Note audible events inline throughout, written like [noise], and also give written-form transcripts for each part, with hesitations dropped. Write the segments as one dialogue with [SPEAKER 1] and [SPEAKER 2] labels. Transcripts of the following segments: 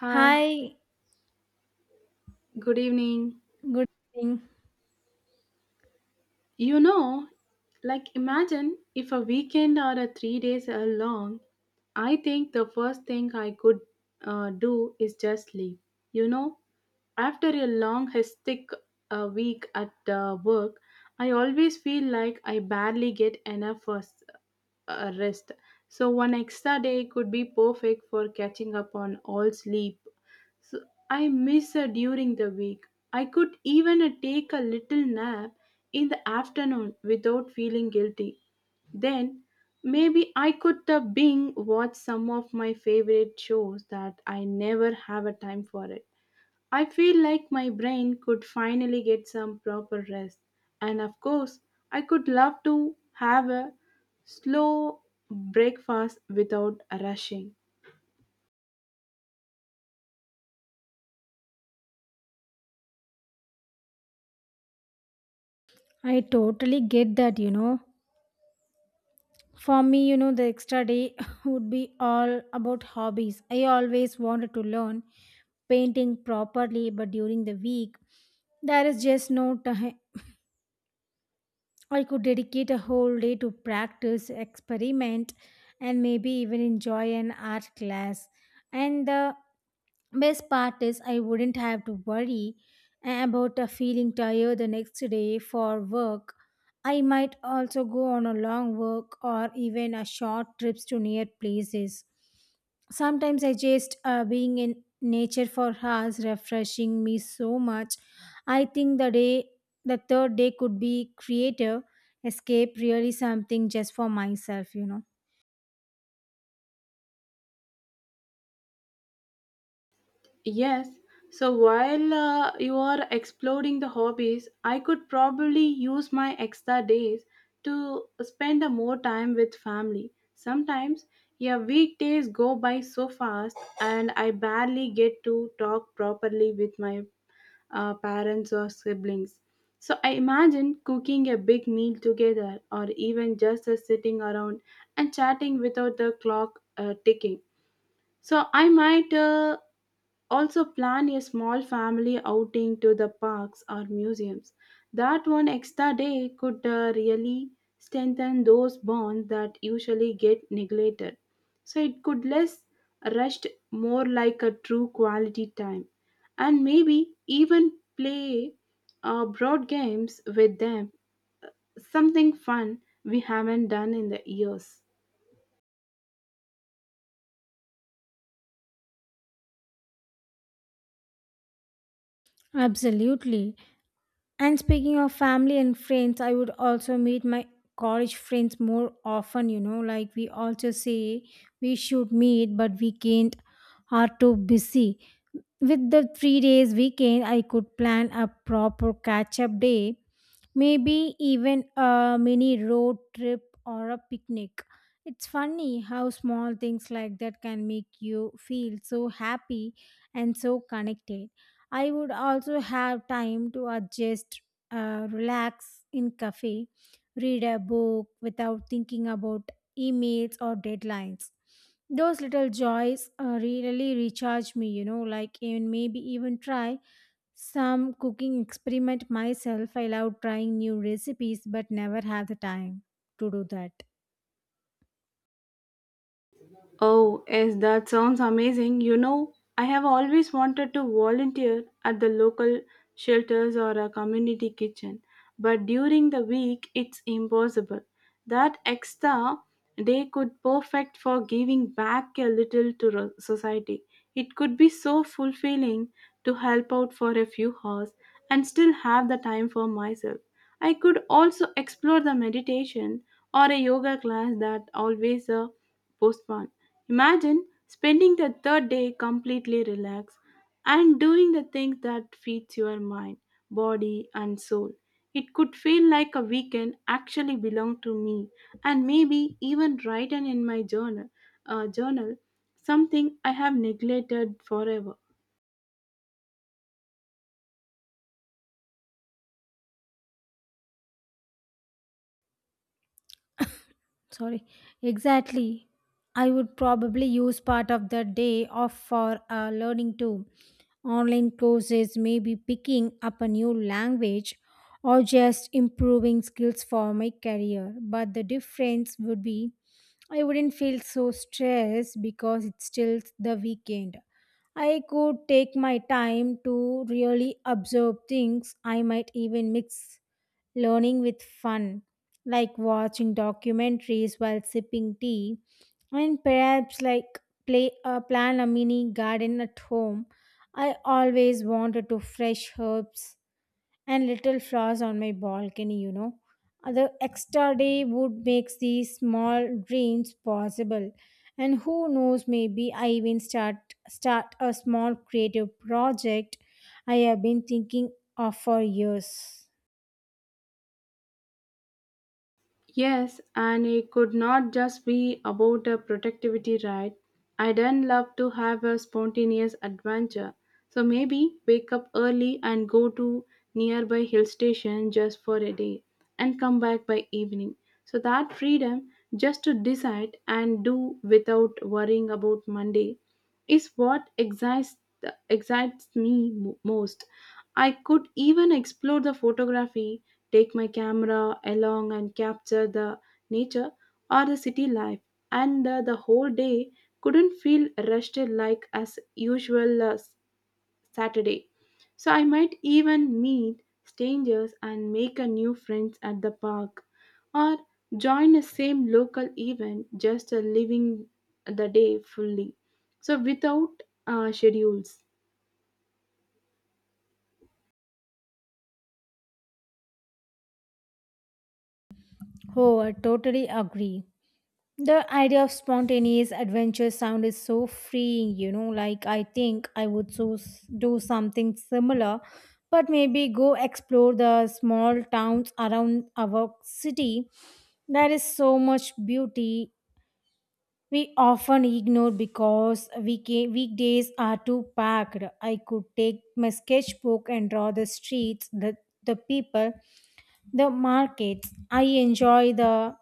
[SPEAKER 1] Hi,
[SPEAKER 2] Hi,
[SPEAKER 1] good evening.
[SPEAKER 2] good evening.
[SPEAKER 1] You know, like imagine if a weekend or a 3 days are long, I think the first thing I could do is just sleep. You know, after a long, hectic week at work, I always feel like I barely get enough rest. So, one extra day could be perfect for catching up on all sleep so I miss her during the week. I could even take a little nap in the afternoon without feeling guilty. Then maybe I could bing watch some of my favorite shows that I never have a time for it. I feel like my brain could finally get some proper rest. And of course, I could love to have a slow breakfast without rushing.
[SPEAKER 2] I totally get that, you know. For me, you know, the extra day [laughs] would be all about hobbies. I always wanted to learn painting properly, but during the week, there is just no time. I could dedicate a whole day to practice, experiment, and maybe even enjoy an art class. And the best part is I wouldn't have to worry about feeling tired the next day for work. I might also go on a long walk or even a short trips to near places. Sometimes I just being in nature for hours refreshing me so much. I think the third day could be creative escape really something just for myself, you know.
[SPEAKER 1] Yes, so while you are exploring the hobbies, I could probably use my extra days to spend a more time with family. Sometimes, yeah, weekdays go by so fast and I barely get to talk properly with my parents or siblings. So I imagine cooking a big meal together or even just sitting around and chatting without the clock ticking. So I might also, plan a small family outing to the parks or museums. That one extra day could really strengthen those bonds that usually get neglected. So, it could less rushed, more like a true quality time. And maybe even play broad games with them, something fun we haven't done in the years.
[SPEAKER 2] Absolutely. And speaking of family and friends, I would also meet my college friends more often, you know, like we also say we should meet, but weekend are too busy. With the 3 days weekend, I could plan a proper catch up day. Maybe even a mini road trip or a picnic. It's funny how small things like that can make you feel so happy and so connected. I would also have time to adjust, relax in cafe, read a book without thinking about emails or deadlines. Those little joys really recharge me, you know, like even maybe even try some cooking experiment myself. I love trying new recipes but never have the time to do that.
[SPEAKER 1] Oh, yes, that sounds amazing. You know, I have always wanted to volunteer at the local shelters or a community kitchen, but during the week it's impossible. That extra day could perfect for giving back a little to society. It could be so fulfilling to help out for a few hours and still have the time for myself. I could also explore the meditation or a yoga class that always a postponed. Imagine spending the third day completely relaxed and doing the things that feeds your mind, body, and soul. It could feel like a weekend actually belonged to me, and maybe even written in my journal, uh, journal, something I have neglected forever.
[SPEAKER 2] Sorry. Exactly. I would probably use part of the day off for learning too. Online courses, maybe picking up a new language or just improving skills for my career. But the difference would be I wouldn't feel so stressed because it's still the weekend. I could take my time to really observe things. I might even mix learning with fun like watching documentaries while sipping tea, and perhaps like play plan a mini garden at home. I always wanted to fresh herbs and little flowers on my balcony, you know. The extra day would make these small dreams possible. And who knows, maybe I even start a small creative project I have been thinking of for years.
[SPEAKER 1] Yes, and it could not just be about a productivity ride. I then love to have a spontaneous adventure. So maybe wake up early and go to nearby hill station just for a day and come back by evening. So that freedom just to decide and do without worrying about Monday is what excites me most. I could even explore the photography, take my camera along and capture the nature or the city life, and the whole day couldn't feel rushed like as usual Saturday. So I might even meet strangers and make a new friends at the park or join a same local event just living the day fully so without schedules.
[SPEAKER 2] Oh, I totally agree. The idea of spontaneous adventure sound is so freeing, you know. Like, I think I would do something similar, but maybe go explore the small towns around our city. There is so much beauty we often ignore because weekdays are too packed. I could take my sketchbook and draw the streets, the people, the markets. I enjoy the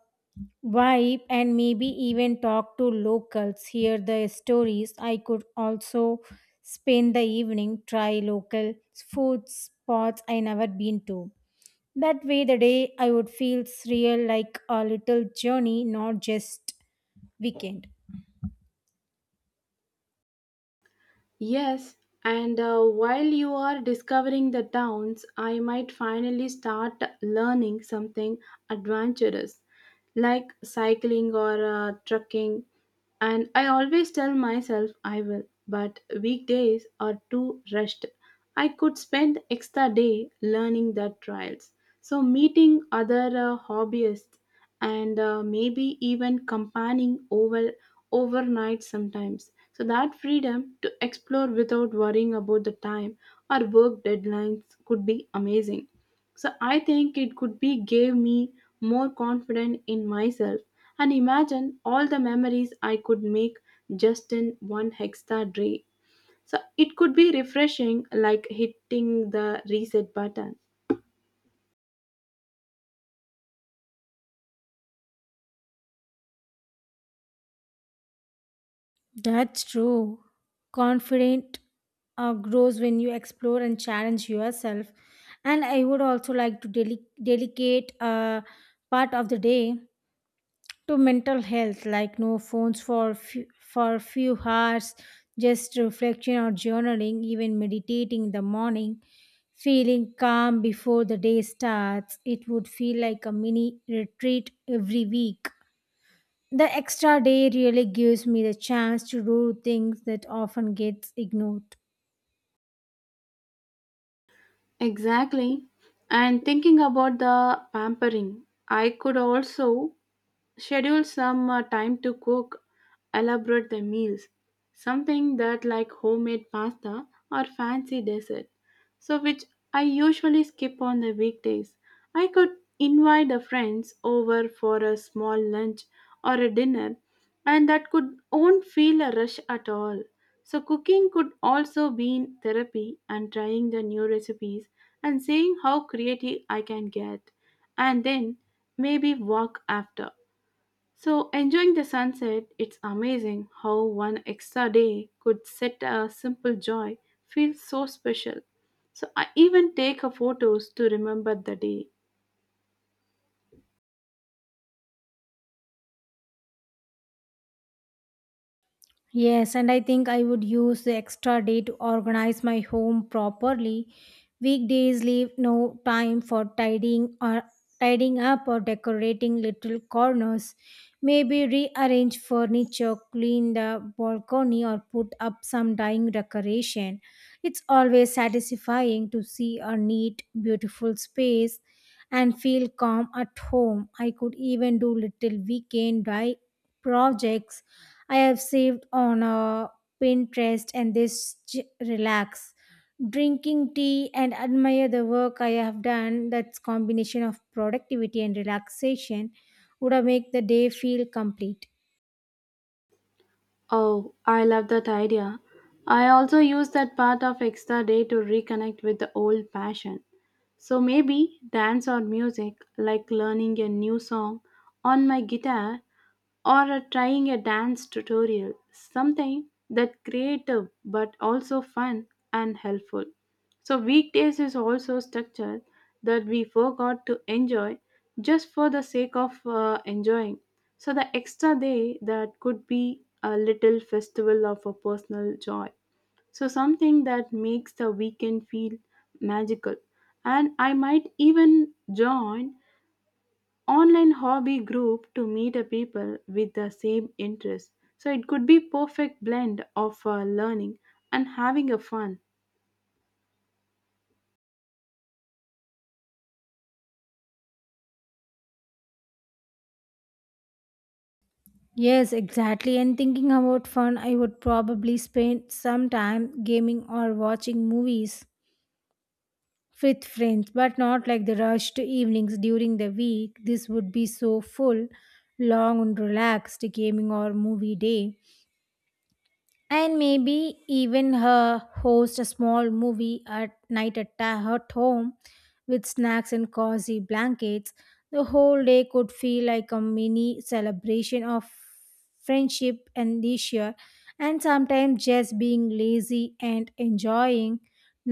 [SPEAKER 2] vibe and maybe even talk to locals, hear their stories. I could also spend the evening, try local food spots I never been to. That way, the day I would feel real like a little journey, not just weekend.
[SPEAKER 1] Yes, and while you are discovering the towns, I might finally start learning something adventurous like cycling or trekking. And I always tell myself I will, but weekdays are too rushed. I could spend extra day learning the trials. So meeting other hobbyists and maybe even companion overnight sometimes, so that freedom to explore without worrying about the time or work deadlines could be amazing. So I think it could be gave me more confidence in myself, and imagine all the memories I could make just in one extra day. So it could be refreshing like hitting the reset button.
[SPEAKER 2] That's true. Confident grows when you explore and challenge yourself. And I would also like to dedicate a part of the day to mental health, like no phones for few hours, just reflection or journaling, even meditating in the morning, feeling calm before the day starts. It would feel like a mini retreat every week. The extra day really gives me the chance to do things that often gets ignored.
[SPEAKER 1] Exactly. And thinking about the pampering, I could also schedule some time to cook elaborate the meals, something that like homemade pasta or fancy dessert, so which I usually skip on the weekdays. I could invite the friends over for a small lunch or a dinner, and that could won't feel a rush at all. So cooking could also be in therapy and trying the new recipes and seeing how creative I can get, and then maybe walk after, so enjoying the sunset, it's amazing how one extra day could set a simple joy feel so special. So, I even take a photos to remember the day.
[SPEAKER 2] Yes, and I think I would use the extra day to organize my home properly. Weekdays leave no time for tidying up or decorating little corners. Maybe rearrange furniture, clean the balcony or put up some dying decoration. It's always satisfying to see a neat, beautiful space and feel calm at home. I could even do little projects I have saved on a Pinterest and relax. Drinking tea and admire the work I have done. That's combination of productivity and relaxation would have make the day feel complete.
[SPEAKER 1] Oh, I love that idea. I also use that part of extra day to reconnect with the old passion. So maybe dance or music, like learning a new song on my guitar, or trying a dance tutorial, something that creative but also fun and helpful. So weekdays is also structured that we forgot to enjoy just for the sake of enjoying. So the extra day that could be a little festival of a personal joy. So something that makes the weekend feel magical. And I might even join online hobby group to meet a people with the same interests, so it could be perfect blend of learning and having a fun.
[SPEAKER 2] Yes, exactly. And thinking about fun, I would probably spend some time gaming or watching movies with friends, but not like the rush to evenings during the week. This would be so full, long and relaxed gaming or movie day, and maybe even her host a small movie at night at her home with snacks and cozy blankets. The whole day could feel like a mini celebration of friendship and leisure, and sometimes just being lazy and enjoying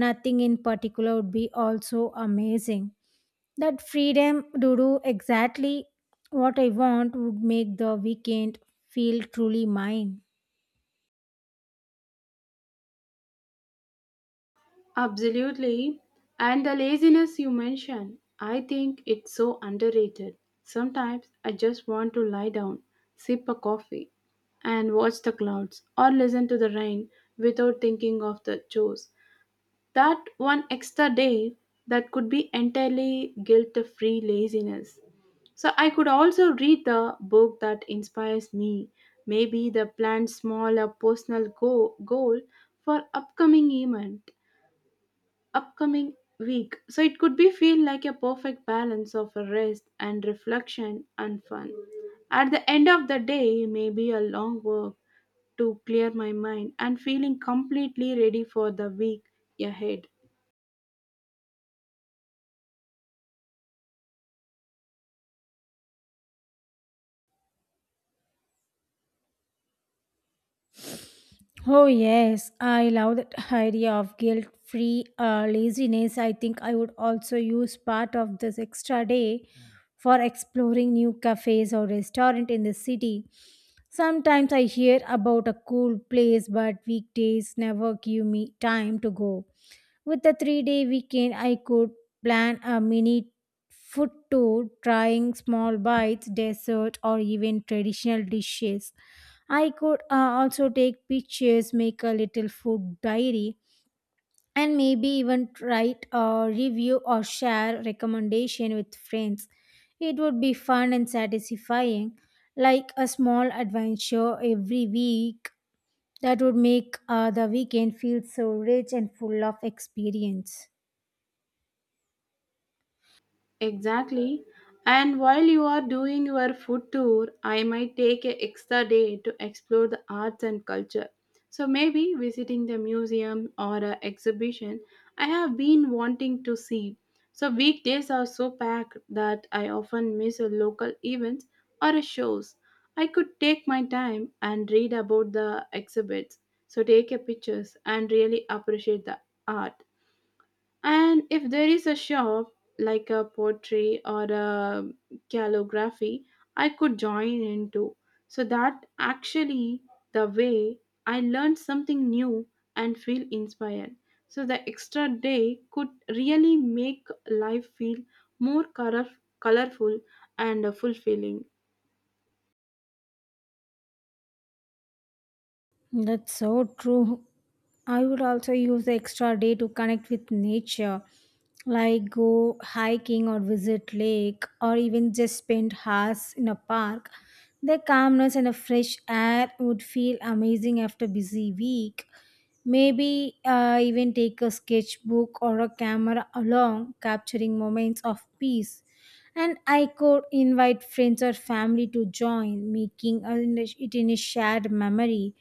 [SPEAKER 2] nothing in particular would be also amazing. That freedom to do exactly what I want would make the weekend feel truly mine.
[SPEAKER 1] Absolutely. And the laziness you mentioned, I think it's so underrated. Sometimes I just want to lie down, sip a coffee, and watch the clouds or listen to the rain without thinking of the chores. That one extra day that could be entirely guilt free laziness. So I could also read the book that inspires me. Maybe the plan small a personal goal for upcoming event, upcoming week. So it could be feel like a perfect balance of a rest and reflection and fun. At the end of the day, maybe a long walk to clear my mind and feeling completely ready for the week ahead.
[SPEAKER 2] Oh, yes, I love that [laughs] idea of guilt free laziness. I think I would also use part of this extra day for exploring new cafes or restaurant in the city. Sometimes I hear about a cool place, but weekdays never give me time to go. With a 3 day weekend, I could plan a mini food tour, trying small bites, dessert, or even traditional dishes. I could also take pictures, make a little food diary, and maybe even write a review or share recommendation with friends. It would be fun and satisfying, like a small adventure every week that would make the weekend feel so rich and full of experience.
[SPEAKER 1] Exactly. And while you are doing your food tour, I might take an extra day to explore the arts and culture. So maybe visiting the museum or an exhibition I have been wanting to see. So weekdays are so packed that I often miss a local events or a shows. I could take my time and read about the exhibits, so take a pictures and really appreciate the art. And if there is a shop like a pottery or a calligraphy, I could join into. So that actually the way I learn something new and feel inspired. So the extra day could really make life feel more colorful and fulfilling.
[SPEAKER 2] That's so true. I would also use the extra day to connect with nature, like go hiking or visit lake or even just spend hours in a park. The calmness and the fresh air would feel amazing after busy week. Maybe even take a sketchbook or a camera along, capturing moments of peace. And I could invite friends or family to join, it in a shared memory.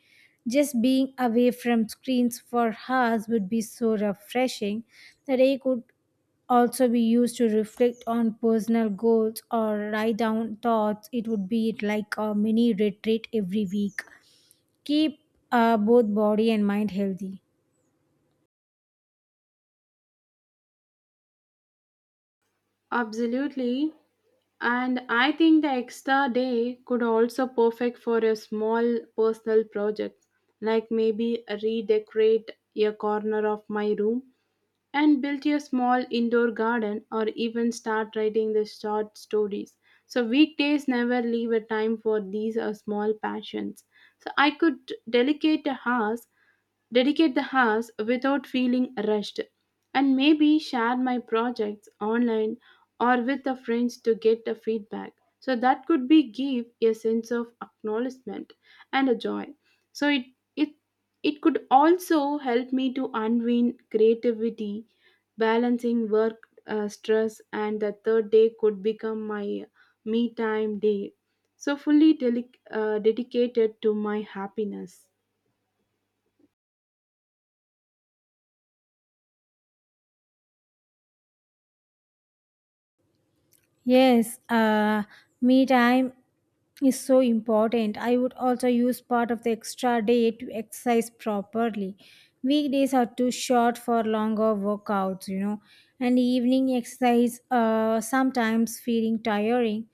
[SPEAKER 2] Just being away from screens for hours would be so refreshing. The day could also be used to reflect on personal goals or write down thoughts. It would be like a mini retreat every week. Keep both body and mind healthy.
[SPEAKER 1] Absolutely. And I think the extra day could also perfect for a small personal project, like maybe redecorate a corner of my room and build a small indoor garden or even start writing the short stories. So weekdays never leave a time for these small passions. So I could delegate a house dedicate the hours without feeling rushed, and maybe share my projects online or with the friends to get the feedback. So that could be give a sense of acknowledgement and a joy. So it it could also help me to unwind creativity, balancing work stress, and the third day could become my me time day. So fully dedicated to my happiness.
[SPEAKER 2] Yes, me time is so important. I would also use part of the extra day to exercise properly. Weekdays are too short for longer workouts, you know, and evening exercise sometimes feeling tiring.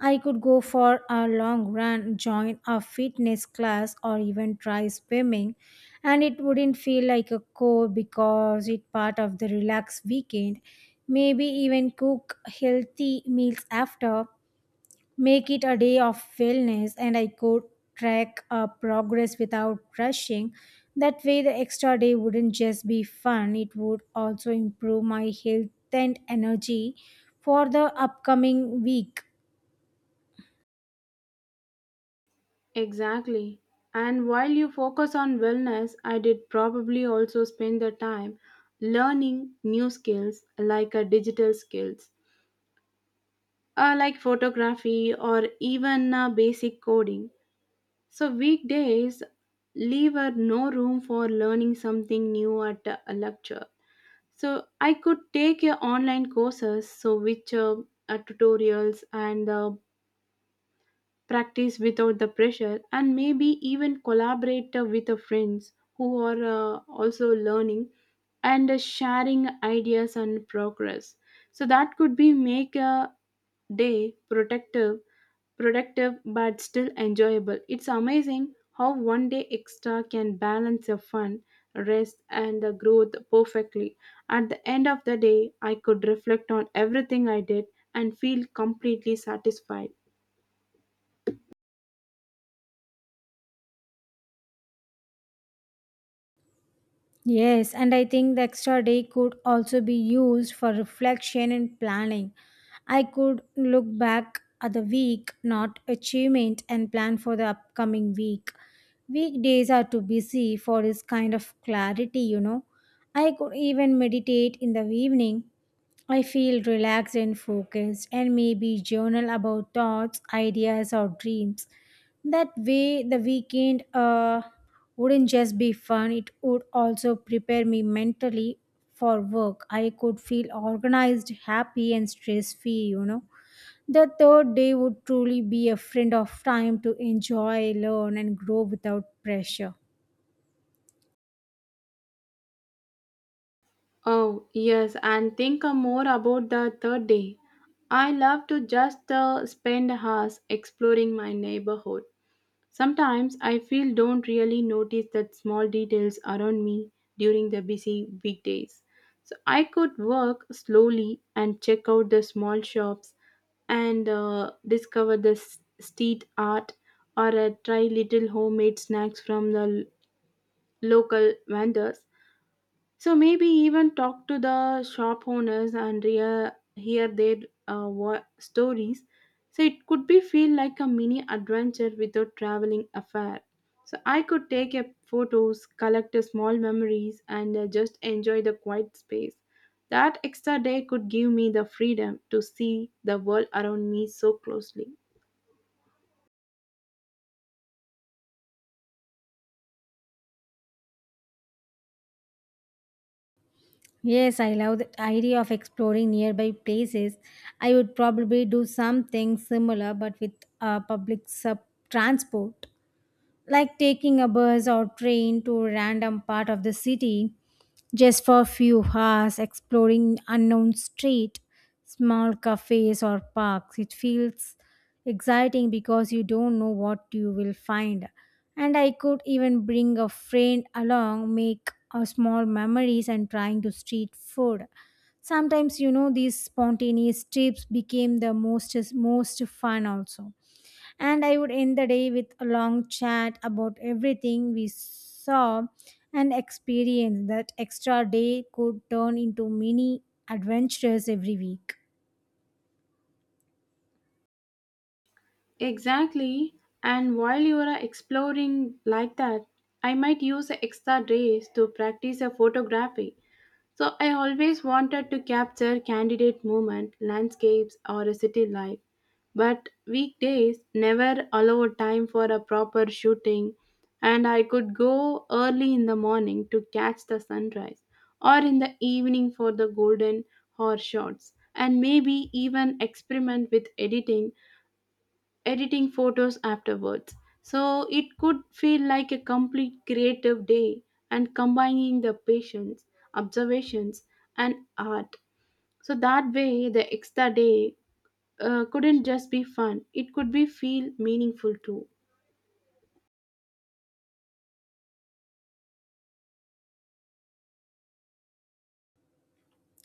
[SPEAKER 2] I could go for a long run, join a fitness class, or even try swimming, and it wouldn't feel like a chore because it's part of the relaxed weekend. Maybe even cook healthy meals after, make it a day of wellness, and I could track progress without rushing. That way, the extra day wouldn't just be fun, it would also improve my health and energy for the upcoming week.
[SPEAKER 1] Exactly. And while you focus on wellness, I did probably also spend the time learning new skills like digital skills, like photography or even basic coding. So, weekdays leave no room for learning something new at a lecture. So, I could take online courses, so which tutorials and practice without the pressure, and maybe even collaborate with the friends who are also learning and sharing ideas and progress. So that could be make a day protective productive but still enjoyable. It's amazing how one day extra can balance your fun, rest, and the growth perfectly. At the end of the day, I could reflect on everything I did and feel completely satisfied.
[SPEAKER 2] Yes, and I think the extra day could also be used for reflection and planning. I could look back at the week, not achievement, and plan for the upcoming week. Weekdays are too busy for this kind of clarity, you know. I could even meditate in the evening, I feel relaxed and focused, and maybe journal about thoughts, ideas, or dreams. That way, the weekend wouldn't just be fun, it would also prepare me mentally for work. I could feel organized, happy, and stress free, you know. The third day would truly be a friend of time to enjoy, learn, and grow without pressure.
[SPEAKER 1] Oh, yes, and think more about the third day. I love to just spend hours exploring my neighborhood. Sometimes I feel don't really notice that small details around me during the busy weekdays. So I could work slowly and check out the small shops and discover the street art, or try little homemade snacks from the local vendors. So maybe even talk to the shop owners and hear their stories. So it could be feel like a mini adventure without traveling afar. So I could take a photos, collect a small memories, and just enjoy the quiet space. That extra day could give me the freedom to see the world around me so closely.
[SPEAKER 2] Yes, I love the idea of exploring nearby places. I would probably do something similar but with public sub transport like taking a bus or train to a random part of the city just for a few hours, exploring unknown street, small cafes or parks. It feels exciting because you don't know what you will find. And I could even bring a friend along, make a small memories and trying to street food. Sometimes you know these spontaneous trips became the most fun also, and I would end the day with a long chat about everything we saw and experienced. That extra day could turn into mini adventures every week.
[SPEAKER 1] Exactly. And while you are exploring like that, I might use extra days to practice a photography. So I always wanted to capture candidate movement, landscapes, or a city life. But weekdays never allow time for a proper shooting, and I could go early in the morning to catch the sunrise, or in the evening for the golden hour shots, and maybe even experiment with editing photos afterwards. So it could feel like a complete creative day, and combining the patience, observations, and art. So that way, the extra day couldn't just be fun, it could be feel meaningful too.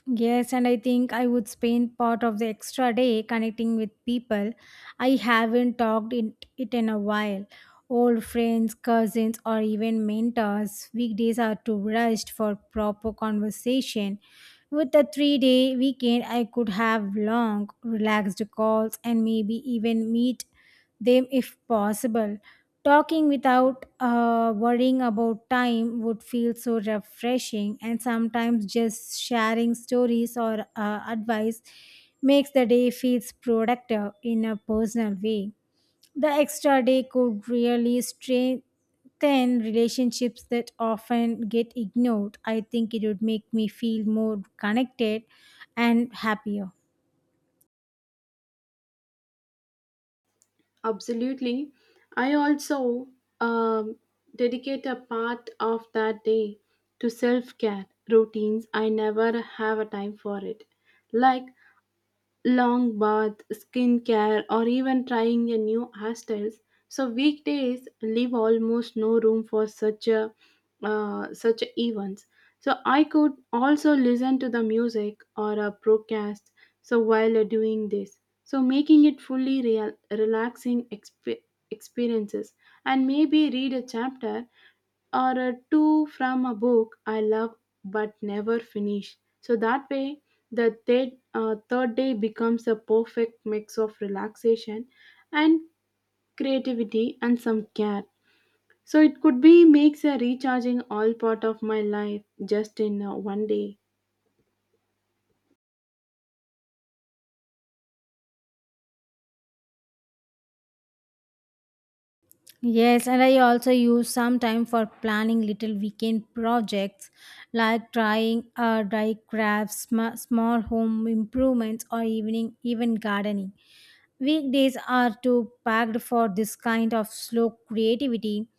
[SPEAKER 2] Yes, and I think I would spend part of the extra day connecting with people I haven't talked in a while. Old friends, cousins, or even mentors. Weekdays are too rushed for proper conversation. With a 3 day weekend, I could have long, relaxed calls and maybe even meet them if possible. Talking without worrying about time would feel so refreshing, and sometimes just sharing stories or advice makes the day feels productive in a personal way. The extra day could really strengthen relationships that often get ignored. I think it would make me feel more connected and happier.
[SPEAKER 1] Absolutely. I also um, dedicate a part of that day to self care routines. I never have a time for it. Like long bath, skincare, or even trying a new hairstyles. So weekdays leave almost no room for such events. So I could also listen to the music or a broadcast. So while doing this, so making it fully real, relaxing experiences, and maybe read a chapter or two from a book I love but never finish. So that way, the third day becomes a perfect mix of relaxation and creativity and some care. So it could be makes a recharging all part of my life just in one day.
[SPEAKER 2] Yes, and I also use some time for planning little weekend projects like trying dry crafts, small home improvements, or evening even gardening. Weekdays are too packed for this kind of slow creativity.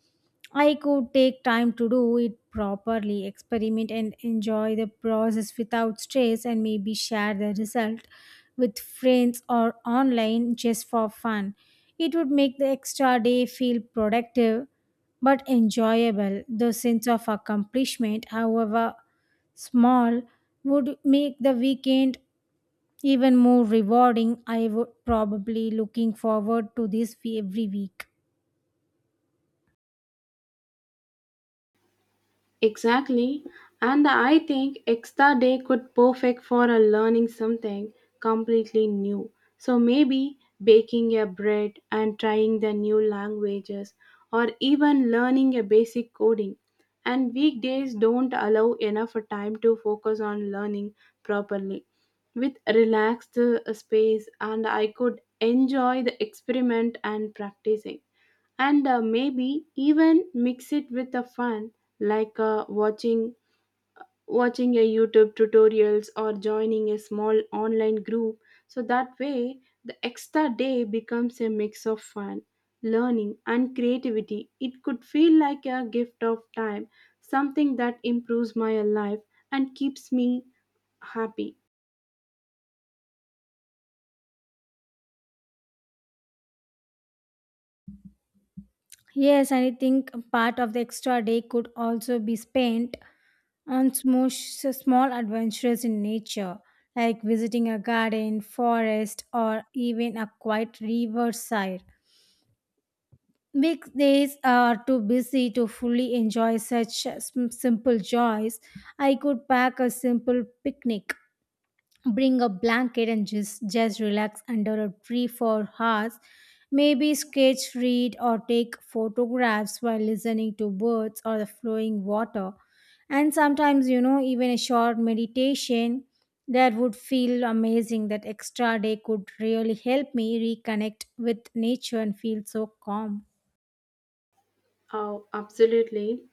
[SPEAKER 2] I could take time to do it properly, experiment and enjoy the process without stress, and maybe share the result with friends or online just for fun. It would make the extra day feel productive but enjoyable. The sense of accomplishment, however small, would make the weekend even more rewarding. I would probably looking forward to this every week.
[SPEAKER 1] Exactly. And I think extra day could perfect for a learning something completely new. So maybe baking a bread and trying the new languages, or even learning a basic coding. And weekdays don't allow enough time to focus on learning properly. With relaxed space, and I could enjoy the experiment and practicing, and maybe even mix it with a fun like watching a youtube tutorials or joining a small online group. So that way the extra day becomes a mix of fun, learning, and creativity. It could feel like a gift of time, something that improves my life and keeps me happy.
[SPEAKER 2] Yes, and I think part of the extra day could also be spent on small adventures in nature, like visiting a garden, forest, or even a quiet riverside. Big days are too busy to fully enjoy such simple joys. I could pack a simple picnic, bring a blanket, and just relax under a tree for hours. Maybe sketch, read, or take photographs while listening to birds or the flowing water. And sometimes, you know, even a short meditation that would feel amazing. That extra day could really help me reconnect with nature and feel so calm.
[SPEAKER 1] Oh, absolutely.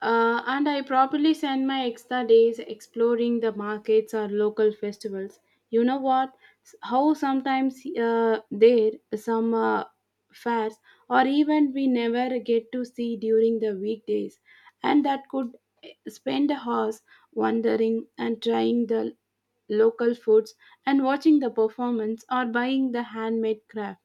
[SPEAKER 1] And I probably spend my extra days exploring the markets or local festivals. You know what? How sometimes there some fairs or even we never get to see during the weekdays, and that could spend hours wandering and trying the local foods and watching the performance or buying the handmade craft,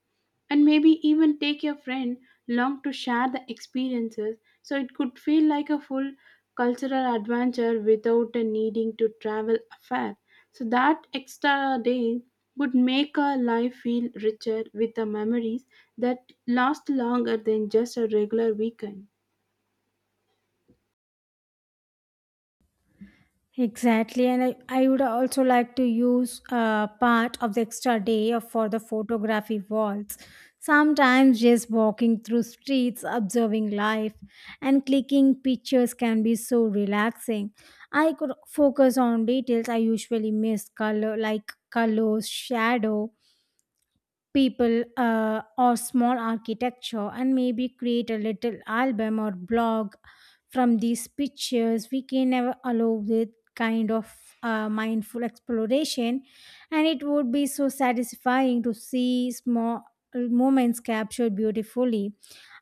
[SPEAKER 1] and maybe even take your friend along to share the experiences. So it could feel like a full cultural adventure without a needing to travel afar. So that extra day would make our life feel richer with the memories that last longer than just a regular weekend.
[SPEAKER 2] Exactly, and I would also like to use part of the extra day for the photography walls. Sometimes just walking through streets, observing life, and clicking pictures can be so relaxing. I could focus on details I usually miss, colors, shadow, people or small architecture, and maybe create a little album or blog from these pictures we can never allow with kind of mindful exploration. And it would be so satisfying to see small moments captured beautifully.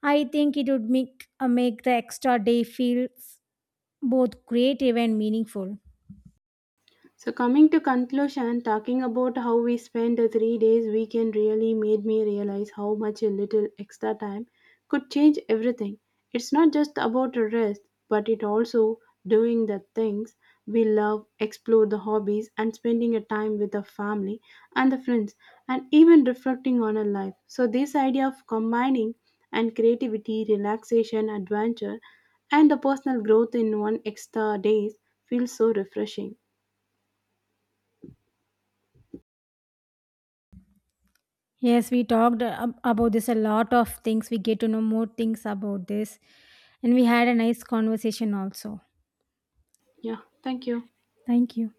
[SPEAKER 2] I think it would make the extra day feel both creative and meaningful.
[SPEAKER 1] So coming to conclusion, talking about how we spend the 3 days weekend really made me realize how much a little extra time could change everything. It's not just about a rest, but it also doing the things we love, explore the hobbies, and spending a time with the family and the friends, and even reflecting on a life. So this idea of combining and creativity, relaxation, adventure, and the personal growth in one extra days feels so refreshing.
[SPEAKER 2] Yes, we talked about this a lot of things. We get to know more things about this. And we had a nice conversation also.
[SPEAKER 1] Yeah, thank you.
[SPEAKER 2] Thank you.